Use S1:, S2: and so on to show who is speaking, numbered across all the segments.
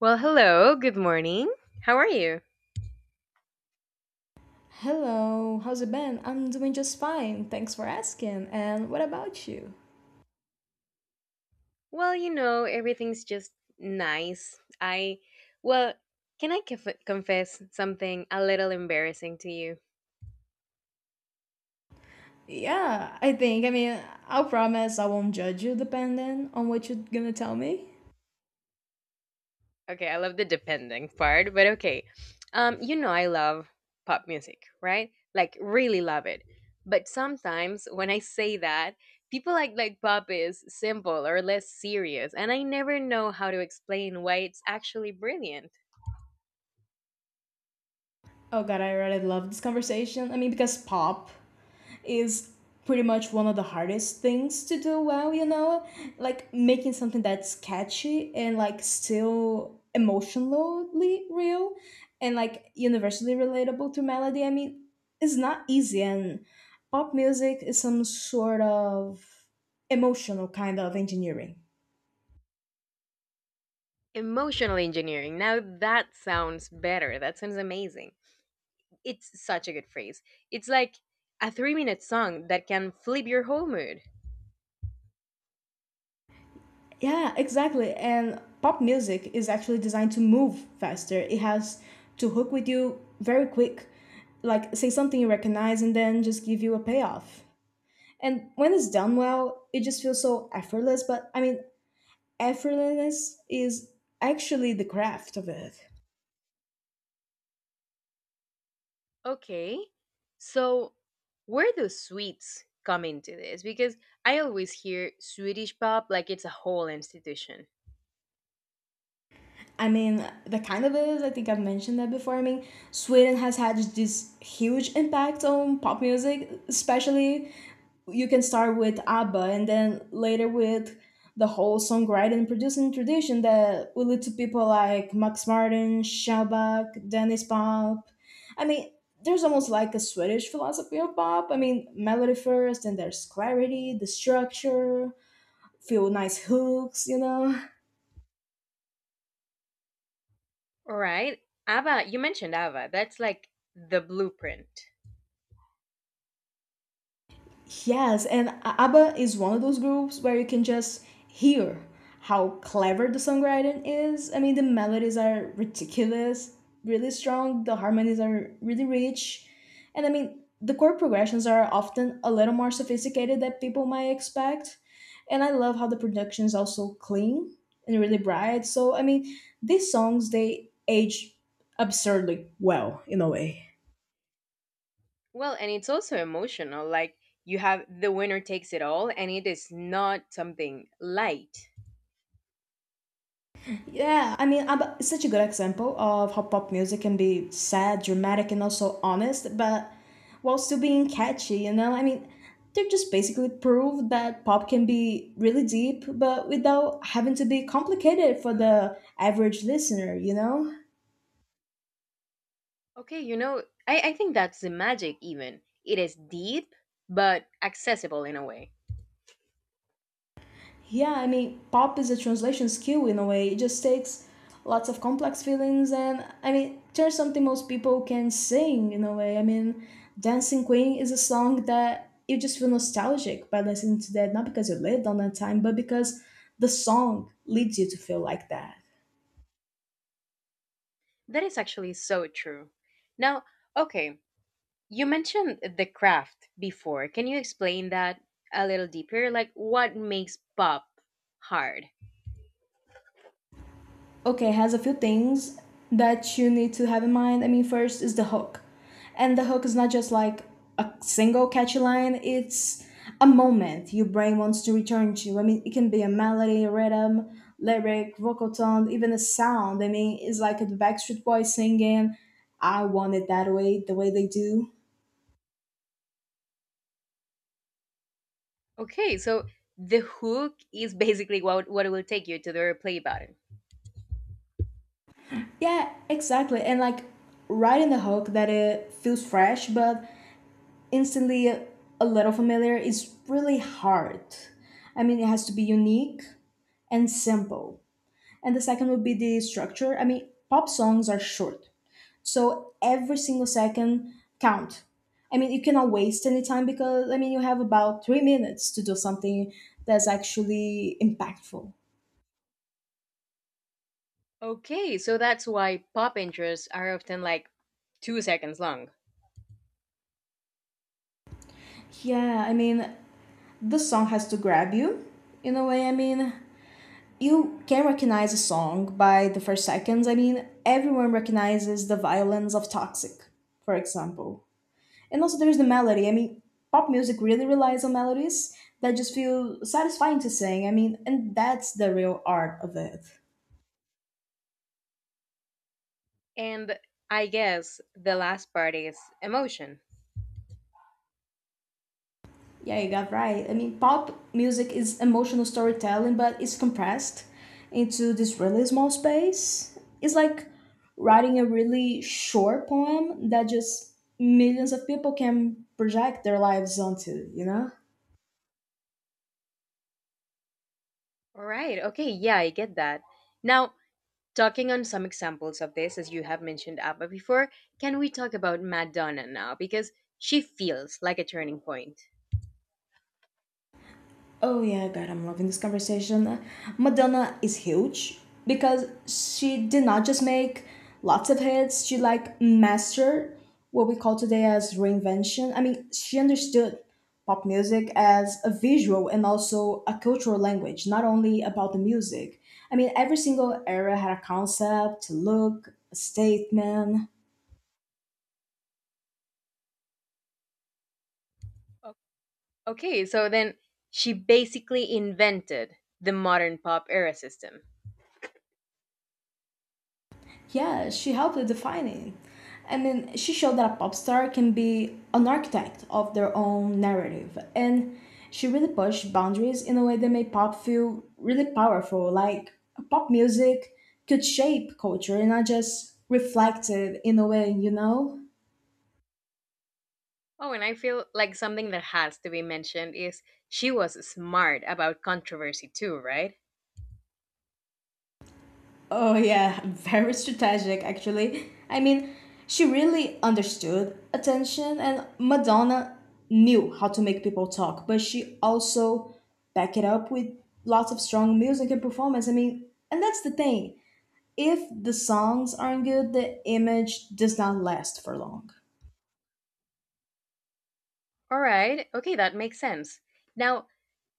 S1: Well, hello, good morning. How are you?
S2: Hello, how's it been? I'm doing just fine. Thanks for asking. And what about you?
S1: Well, you know, everything's just nice. Well, can I confess something a little embarrassing to you?
S2: Yeah, I think. I mean, I'll promise I won't judge you depending on what you're gonna tell me.
S1: Okay, I love the depending part, but okay. You know, I love pop music, right? Like, really love it. But sometimes when I say that, people act like pop is simple or less serious, and I never know how to explain why it's actually brilliant.
S2: Oh god, I really love this conversation. I mean, because pop is pretty much one of the hardest things to do well, you know? Like making something that's catchy and like still emotionally real and like universally relatable to melody. I mean, it's not easy and pop music is some sort of emotional kind of engineering.
S1: Emotional engineering. Now that sounds better. That sounds amazing. It's such a good phrase. It's like a 3 minute song that can flip your whole mood.
S2: Yeah, exactly. And pop music is actually designed to move faster. It has to hook with you very quick, like say something you recognize and then just give you a payoff. And when it's done well, it just feels so effortless. But I mean, effortlessness is actually the craft of it.
S1: Okay, so where do sweets come into this? Because I always hear Swedish pop like it's a whole institution.
S2: I mean, that kind of is. I think I've mentioned that before. I mean, Sweden has had this huge impact on pop music, especially you can start with ABBA and then later with the whole songwriting and producing tradition that will lead to people like Max Martin, Shabak, Dennis Pop. I mean, there's almost like a Swedish philosophy of pop. I mean, melody first, then there's clarity, the structure, few nice hooks, you know.
S1: All right, ABBA, you mentioned ABBA. That's like the blueprint.
S2: Yes, and ABBA is one of those groups where you can just hear how clever the songwriting is. I mean, the melodies are ridiculous, really strong, the harmonies are really rich, and I mean, the chord progressions are often a little more sophisticated than people might expect. And I love how the production is also clean and really bright. So, I mean, these songs they age absurdly well in a way.
S1: Well, and it's also emotional. Like you have the winner takes it all, and it is not something light.
S2: Yeah, I mean, it's such a good example of how pop music can be sad, dramatic, and also honest, but while still being catchy, you know? I mean, they're just basically proof that pop can be really deep, but without having to be complicated for the average listener, you know?
S1: Okay, I think that's the magic, even. It is deep, but accessible in a way.
S2: Yeah, I mean, pop is a translation skill in a way. It just takes lots of complex feelings and I mean turns something most people can sing in a way. I mean, Dancing Queen is a song that you just feel nostalgic by listening to, that not because you lived on that time, but because the song leads you to feel like that.
S1: That is actually so true. Now, okay, you mentioned the craft before. Can you explain that a little deeper? Like, what makes pop hard?
S2: Okay, has a few things that you need to have in mind. I mean, first is the hook, and the hook is not just like a single catchy line. It's a moment your brain wants to return to. I mean, it can be a melody, a rhythm, lyric, vocal tone, even a sound. I mean, it's like the Backstreet Boys singing I Want It That Way, the way they do.
S1: Okay, so the hook is basically what will take you to the play button.
S2: Yeah, exactly. And like right in the hook that it feels fresh but instantly a little familiar is really hard. I mean, it has to be unique and simple. And the second would be the structure. I mean, pop songs are short, so every single second count. I mean, you cannot waste any time because I mean, you have about 3 minutes to do something that's actually impactful.
S1: Okay, so that's why pop intros are often like 2 seconds long.
S2: Yeah, I mean, the song has to grab you in a way. I mean, you can recognize a song by the first seconds. I mean, everyone recognizes the violence of Toxic, for example. And also, there's the melody. I mean, pop music really relies on melodies that just feel satisfying to sing. I mean, and that's the real art of it.
S1: And I guess the last part is emotion.
S2: Yeah, you got right. I mean, pop music is emotional storytelling, but it's compressed into this really small space. It's like writing a really short poem that just millions of people can project their lives onto, you know?
S1: All right. Okay. Yeah, I get that. Now, talking on some examples of this, as you have mentioned ABBA before, can we talk about Madonna now? Because she feels like a turning point.
S2: Oh yeah, God, I'm loving this conversation. Madonna is huge because she did not just make lots of hits, she like mastered what we call today as reinvention. I mean, she understood pop music as a visual and also a cultural language, not only about the music. I mean, every single era had a concept, a look, a statement.
S1: O- Okay. So then she basically invented the modern pop era system.
S2: Yeah, she helped to define it. And then she showed that a pop star can be an architect of their own narrative. And she really pushed boundaries in a way that made pop feel really powerful. Like pop music could shape culture and not just reflect it in a way, you know?
S1: Oh, and I feel like something that has to be mentioned is she was smart about controversy too, right?
S2: Oh, yeah, very strategic, actually. I mean, she really understood attention, and Madonna knew how to make people talk, but she also back it up with lots of strong music and performance. I mean, and that's the thing. If the songs aren't good, the image does not last for long.
S1: All right. Okay. That makes sense. Now,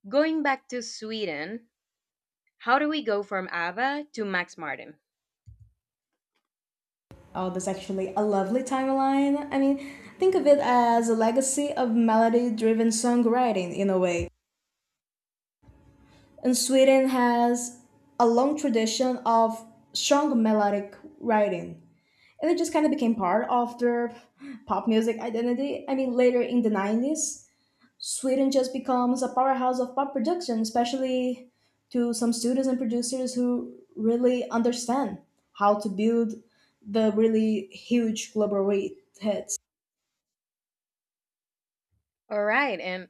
S1: going back to Sweden, how do we go from ABBA to Max Martin?
S2: Oh, that's actually a lovely timeline. I mean, think of it as a legacy of melody driven songwriting in a way. And Sweden has a long tradition of strong melodic writing. And it just kind of became part of their pop music identity. I mean, later in the 90s, Sweden just becomes a powerhouse of pop production, especially to some students and producers who really understand how to build the really huge global hits.
S1: All right. And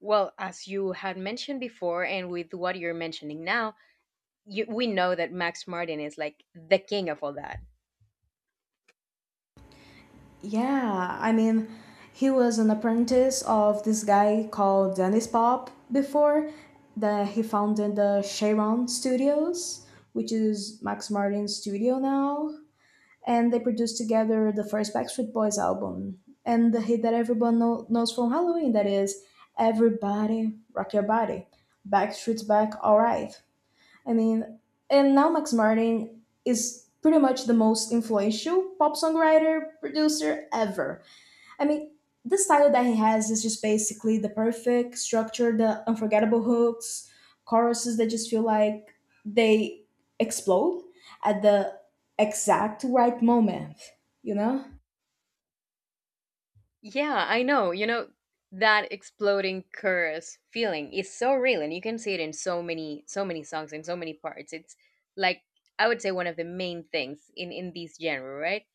S1: well, as you had mentioned before, and with what you're mentioning now, we know that Max Martin is like the king of all that.
S2: Yeah, I mean, he was an apprentice of this guy called Dennis Pop. Before that, he founded the Sharon Studios, which is Max Martin's studio now, and they produced together the first Backstreet Boys album and the hit that everyone knows from Halloween, that is Everybody Rock Your Body, Backstreet's Back, Alright. I mean, and now Max Martin is pretty much the most influential pop songwriter producer ever. I mean, the style that he has is just basically the perfect structure, the unforgettable hooks, choruses that just feel like they explode at the exact right moment, you know?
S1: Yeah, I know. You know, that exploding curse feeling is so real, and you can see it in so many, so many songs and so many parts. It's like, I would say, one of the main things in this genre, right?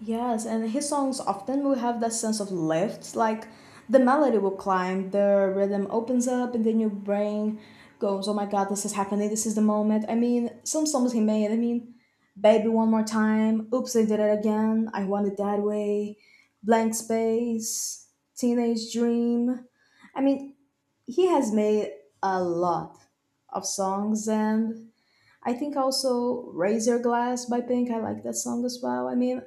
S2: Yes, and his songs often will have that sense of lift. Like the melody will climb, the rhythm opens up, and then your brain goes, oh my god, this is happening, this is the moment. I mean, some songs he made, I mean, Baby One More Time, Oops, I Did It Again, I Want It That Way, Blank Space, Teenage Dream. I mean, he has made a lot of songs, and I think also Razor Glass by Pink, I like that song as well. I mean,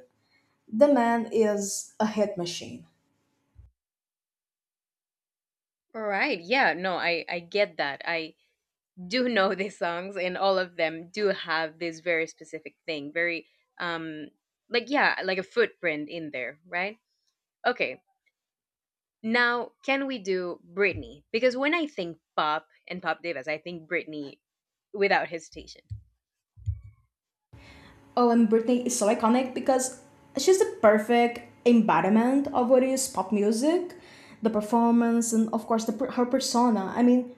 S2: the man is a hit machine.
S1: All right. Yeah, no, I get that. I do know these songs and all of them do have this very specific thing, very um like, yeah, like a footprint in there, right? Okay, now can we do Britney? Because when I think pop and pop divas, I think Britney without hesitation.
S2: Oh, and Britney is so iconic because she's the perfect embodiment of what is pop music, the performance, and of course, the, her persona. I mean,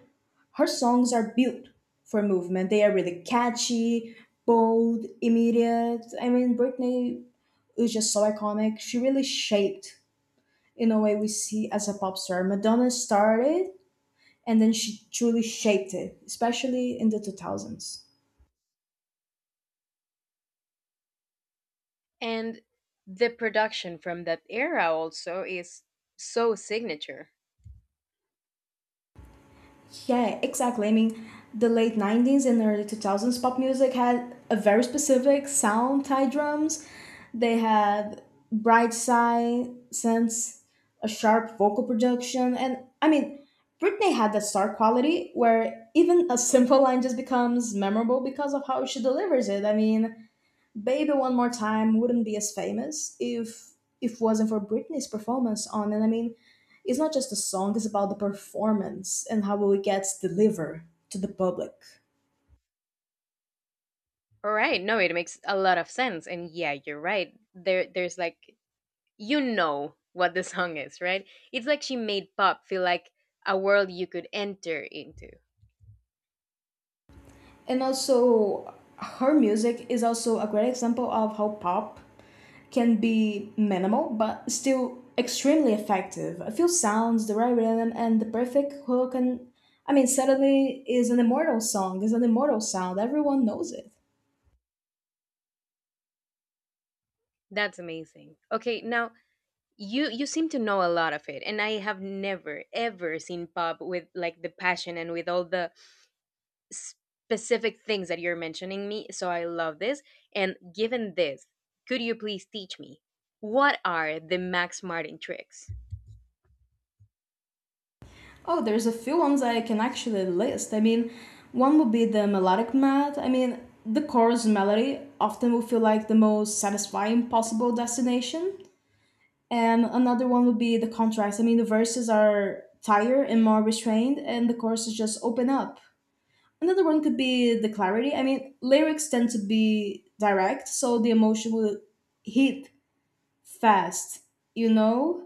S2: her songs are built for movement. They are really catchy, bold, immediate. I mean, Britney is just so iconic. She really shaped, in a way, we see as a pop star. Madonna started, and then she truly shaped it, especially in the 2000s.
S1: And the production from that era also is so signature.
S2: Yeah, exactly. I mean, the late 90s and early 2000s pop music had a very specific sound tied drums. They had bright side sense, a sharp vocal production, and I mean, Britney had that star quality where even a simple line just becomes memorable because of how she delivers it. I mean, "Baby One More Time" wouldn't be as famous if wasn't for Britney's performance on it. I mean, it's not just a song; it's about the performance and how it gets delivered to the public.
S1: All right, no, it makes a lot of sense. And yeah, you're right, there there's like, you know what the song is, right? It's like she made pop feel like a world you could enter into.
S2: And also, her music is also a great example of how pop can be minimal but still extremely effective. A few sounds, the right rhythm, and the perfect hook, and I mean, suddenly is an immortal song. Is an immortal sound. Everyone knows it.
S1: That's amazing. Okay, now you seem to know a lot of it, and I have never ever seen pop with like the passion and with all the specific things that you're mentioning me. So I love this, and given this, could you please teach me what are the Max Martin tricks?
S2: Oh, there's a few ones I can actually list. I mean, one would be the melodic math. I mean, the chorus melody often would feel like the most satisfying possible destination. And another one would be the contrast. I mean, the verses are tighter and more restrained, and the choruses just open up. Another one could be the clarity. I mean, lyrics tend to be direct, so the emotion will hit fast, you know?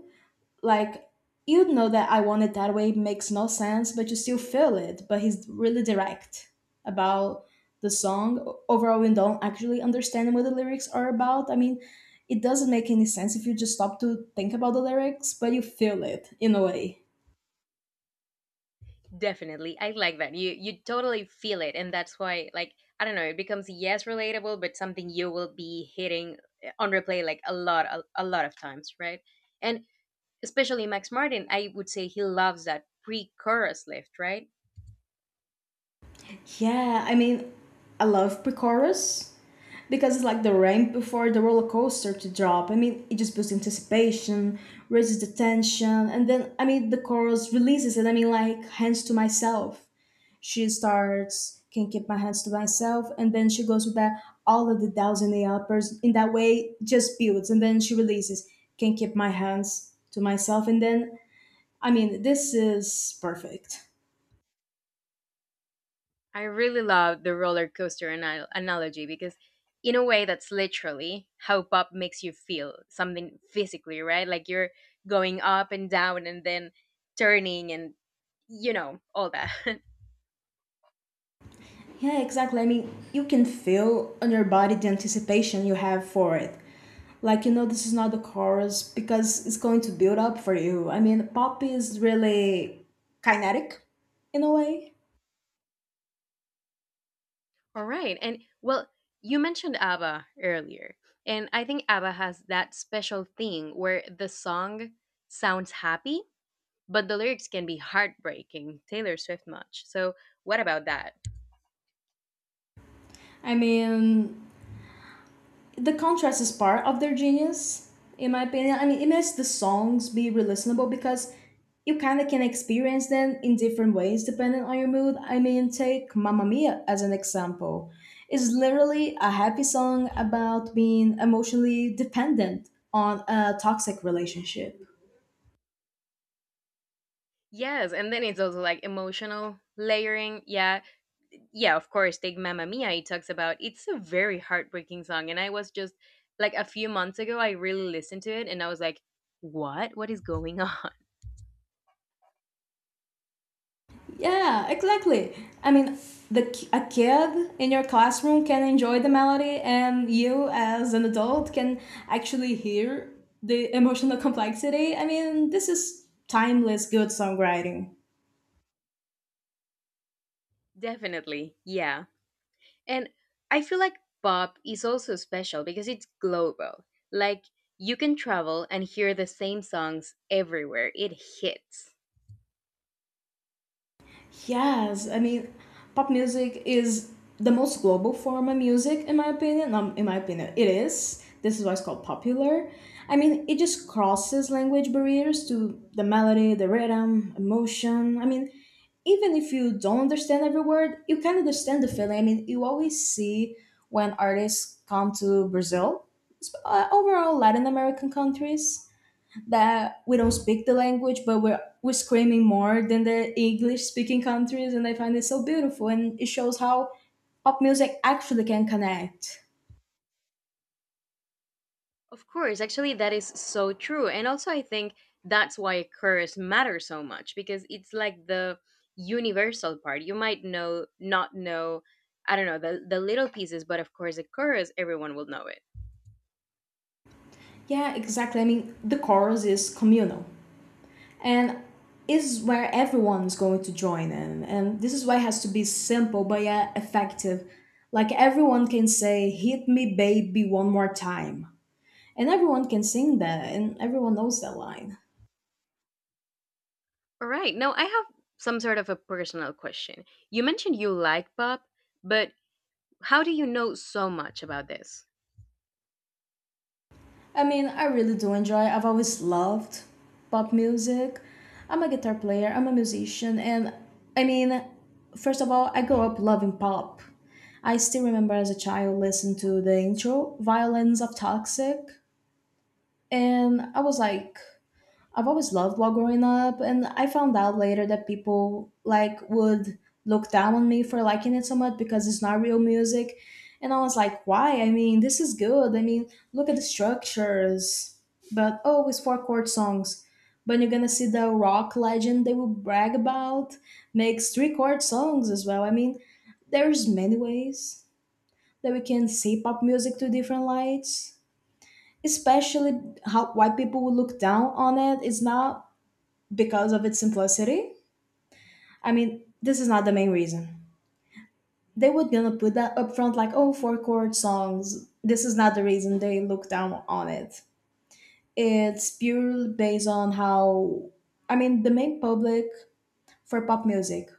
S2: Like you'd know that I Want It That Way makes no sense, but you still feel it. But he's really direct about the song. Overall, we don't actually understand what the lyrics are about. I mean, it doesn't make any sense if you just stop to think about the lyrics, but you feel it in a way.
S1: Definitely. I like that. You totally feel it, and that's why, like, I don't know, it becomes, yes, relatable but something you will be hitting, on replay, like a lot of times, right? And especially Max Martin, I would say he loves that pre-chorus lift, right?
S2: Yeah, I mean, I love pre-chorus because it's like the ramp before the roller coaster to drop. I mean, it just builds anticipation, raises the tension, and then I mean the chorus releases it. I mean, like hands to myself. She starts, can't keep my hands to myself, and then she goes with that all of the thousand AI uppers in that way just builds, and then she releases, can't keep my hands to myself, and then I mean this is perfect.
S1: I really love the roller coaster analogy because in a way that's literally how pop makes you feel, something physically, right? Like you're going up and down and then turning and, you know, all that.
S2: Yeah, exactly. I mean you can feel on your body the anticipation you have for it. Like you know this is not the chorus because it's going to build up for you. I mean pop is really kinetic in a way.
S1: All right. And well, you mentioned ABBA earlier. And I think ABBA has that special thing where the song sounds happy, but the lyrics can be heartbreaking. Taylor Swift much. So, what about that?
S2: I mean the contrast is part of their genius, in my opinion. I mean, it makes the songs be re-listenable because you kind of can experience them in different ways depending on your mood. I mean, take Mamma Mia as an example. It's literally a happy song about being emotionally dependent on a toxic relationship.
S1: Yes. And then it's also like emotional layering. Yeah. Yeah. Of course, take Mamma Mia. It talks about, it's a very heartbreaking song. And I was just like a few months ago, I really listened to it and I was like, what? What is going on?
S2: Yeah, exactly. I mean, a kid in your classroom can enjoy the melody, and you as an adult can actually hear the emotional complexity. I mean, this is timeless good songwriting.
S1: Definitely. Yeah. And I feel like pop is also special because it's global. Like you can travel and hear the same songs everywhere. It hits.
S2: Yes, I mean, pop music is the most global form of music, in my opinion. In my opinion, it is. This is why it's called popular. I mean, it just crosses language barriers to the melody, the rhythm, emotion. I mean, even if you don't understand every word, you can understand the feeling. I mean, you always see when artists come to Brazil, overall Latin American countries that we don't speak the language, but we're screaming more than the English speaking countries, and I find it so beautiful, and it shows how pop music actually can connect.
S1: Of course, actually that is so true. And also I think that's why covers matter so much, because it's like the universal part. You might know, not know, I don't know, the little pieces, but of course the chorus everyone will know it.
S2: Yeah, exactly. I mean, the chorus is communal, and is where everyone's going to join in, and this is why it has to be simple but yet effective. Like everyone can say, "Hit me, baby, one more time," and everyone can sing that, and everyone knows that line.
S1: All right. Now I have some sort of a personal question. You mentioned you like pop, but how do you know so much about this?
S2: I mean, I really do enjoy. I've always loved pop music. I'm a guitar player, I'm a musician, and I mean, first of all, I grew up loving pop. I still remember as a child listening to the intro, Violence of Toxic, and I was like, I've always loved while growing up, and I found out later that people like would look down on me for liking it so much because it's not real music. And I was like, why? I mean, this is good. I mean, look at the structures. But oh, it's four chord songs. But you're gonna see the rock legend they will brag about makes three chord songs as well. I mean, there's many ways that we can see pop music to different lights especially how white people would look down on it. It's not because of its simplicity. I mean, this is not the main reason. They would gonna put that up front like, oh, four chord songs. This is not the reason they look down on it. It's purely based on how, I mean, the main public for pop music.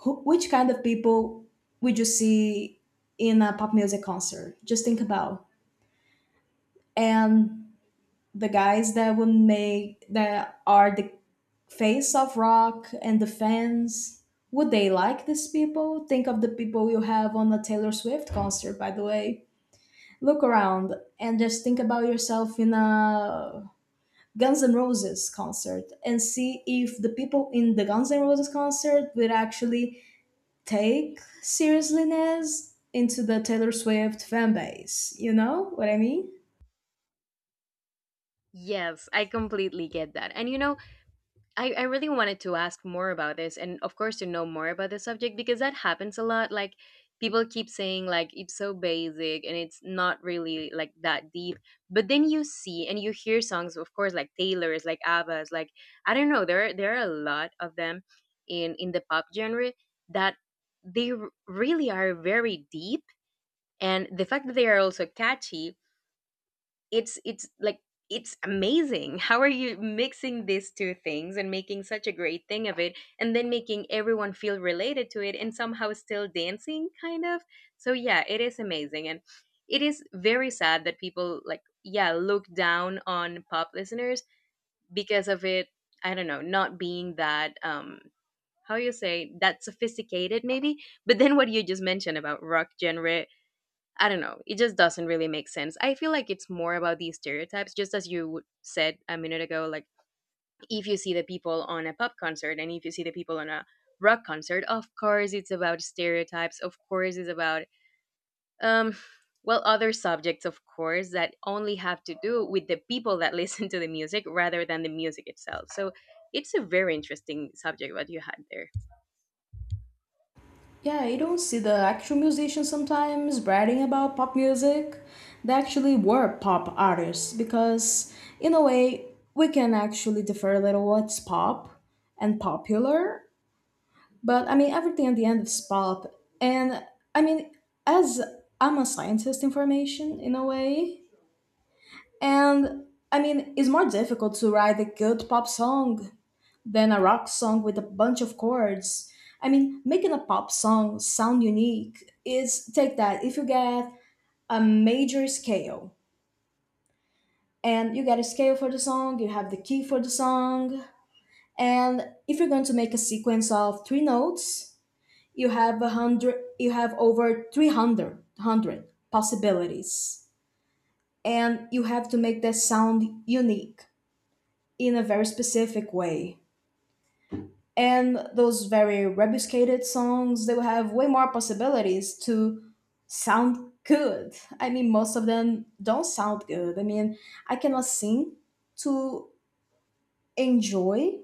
S2: Who, which kind of people would you see in a pop music concert? Just think about. And the guys that would make that are the face of rock and the fans would they like these people think of the people you have on a Taylor Swift concert, by the way, look around and just think about yourself in a Guns N' Roses concert and see if the people in the Guns N' Roses concert would actually take seriousness into the Taylor Swift fan base, you know what I mean?
S1: Yes, I completely get that. And you know, I really wanted to ask more about this, and of course to know more about the subject, because that happens a lot. Like people keep saying, like, it's so basic and it's not really like that deep. But then you see and you hear songs, of course, like Taylor's, like ABBA's, like, I don't know, there are a lot of them in the pop genre that really are very deep. And the fact that they are also catchy, it's like, it's amazing how are you mixing these two things and making such a great thing of it, and then making everyone feel related to it and somehow still dancing kind of. So yeah, it is amazing. And it is very sad that people, like, yeah, look down on pop listeners because of it. I don't know, not being that, how you say that, sophisticated maybe. But then what you just mentioned about rock genre, I don't know. It just doesn't really make sense. I feel like it's more about these stereotypes, just as you said a minute ago. Like, if you see the people on a pop concert and if you see the people on a rock concert, of course it's about stereotypes. Of course it's about, um, well, other subjects, of course, that only have to do with the people that listen to the music rather than the music itself. So it's a very interesting subject what you had there.
S2: Yeah, you don't see the actual musicians sometimes bragging about pop music. They actually were pop artists because, in a way, we can actually differ a little what's pop and popular. But I mean, everything at the end is pop. And I mean, as I'm a scientist in formation, in a way, and I mean, it's more difficult to write a good pop song then a rock song with a bunch of chords. I mean, making a pop song sound unique is take that. If you get a major scale and you get a scale for the song, you have the key for the song, and if you're going to make a sequence of three notes, you have 100, you have over 300 hundred possibilities, and you have to make that sound unique in a very specific way. And those very rebuscated songs they will have way more possibilities to sound good. I mean most of them don't sound good. I mean I cannot sing to enjoy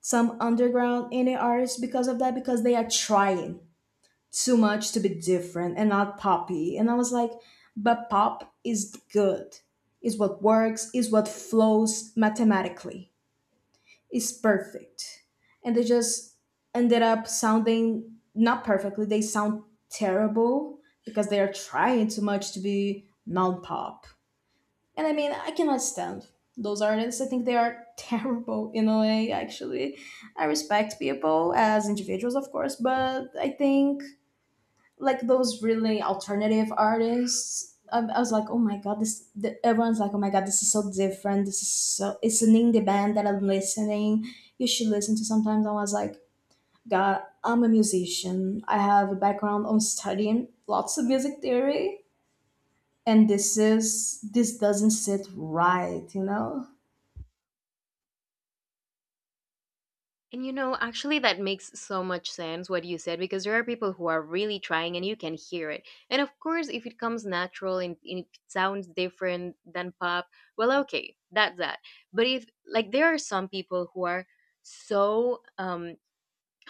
S2: some underground indie artists because of that, because they are trying too much to be different and not poppy, and I was like, but pop is good. Is what works, is what flows mathematically, is perfect, and they just ended up sounding not perfectly. They sound terrible because they are trying too much to be non-pop, and I mean I cannot stand those artists. I think they are terrible in a way, actually. I respect people as individuals, of course, but I think like those really alternative artists. I was like, oh my god, this. The, everyone's like, oh my god, this is so different. This is so. It's an indie band that I'm listening. You should listen to sometimes. I was like, God, I'm a musician. I have a background on studying lots of music theory, and this doesn't sit right, you know.
S1: And you know, actually, that makes so much sense what you said, because there are people who are really trying and you can hear it. And of course, if it comes natural and it sounds different than pop, well, okay, that's that. But if, like, there are some people who are so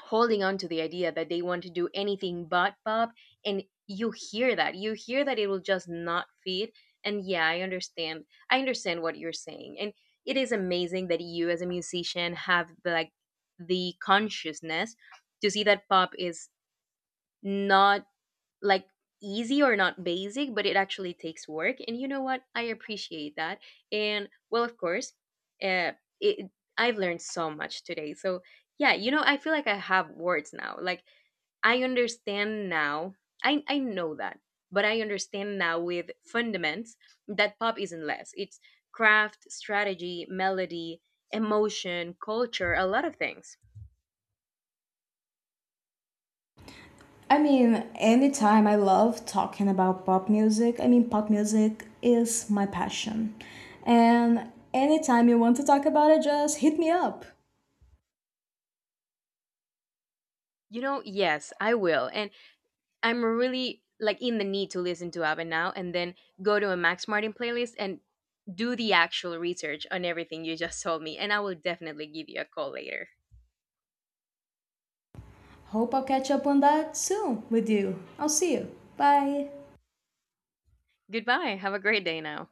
S1: holding on to the idea that they want to do anything but pop, and you hear that, you hear that it will just not fit. And yeah, I understand what you're saying. And it is amazing that you, as a musician, have the, like, the consciousness to see that pop is not, like, easy or not basic, but it actually takes work. And you know what? I appreciate that. And well, of course, uh, it, I've learned so much today. So yeah, you know, I feel like I have words now. Like I understand now. I know that, but I understand now with fundaments that pop isn't less. It's craft, strategy, melody, emotion, culture, a lot of things.
S2: I mean, anytime I love talking about pop music, I mean, pop music is my passion. And anytime you want to talk about it, just hit me up.
S1: You know, yes, I will. And I'm really like in the need to listen to ABBA now, and then go to a Max Martin playlist and do the actual research on everything you just told me. And I will definitely give you a call later.
S2: Hope I'll catch up on that soon with you. I'll see you. Bye.
S1: Goodbye. Have a great day now.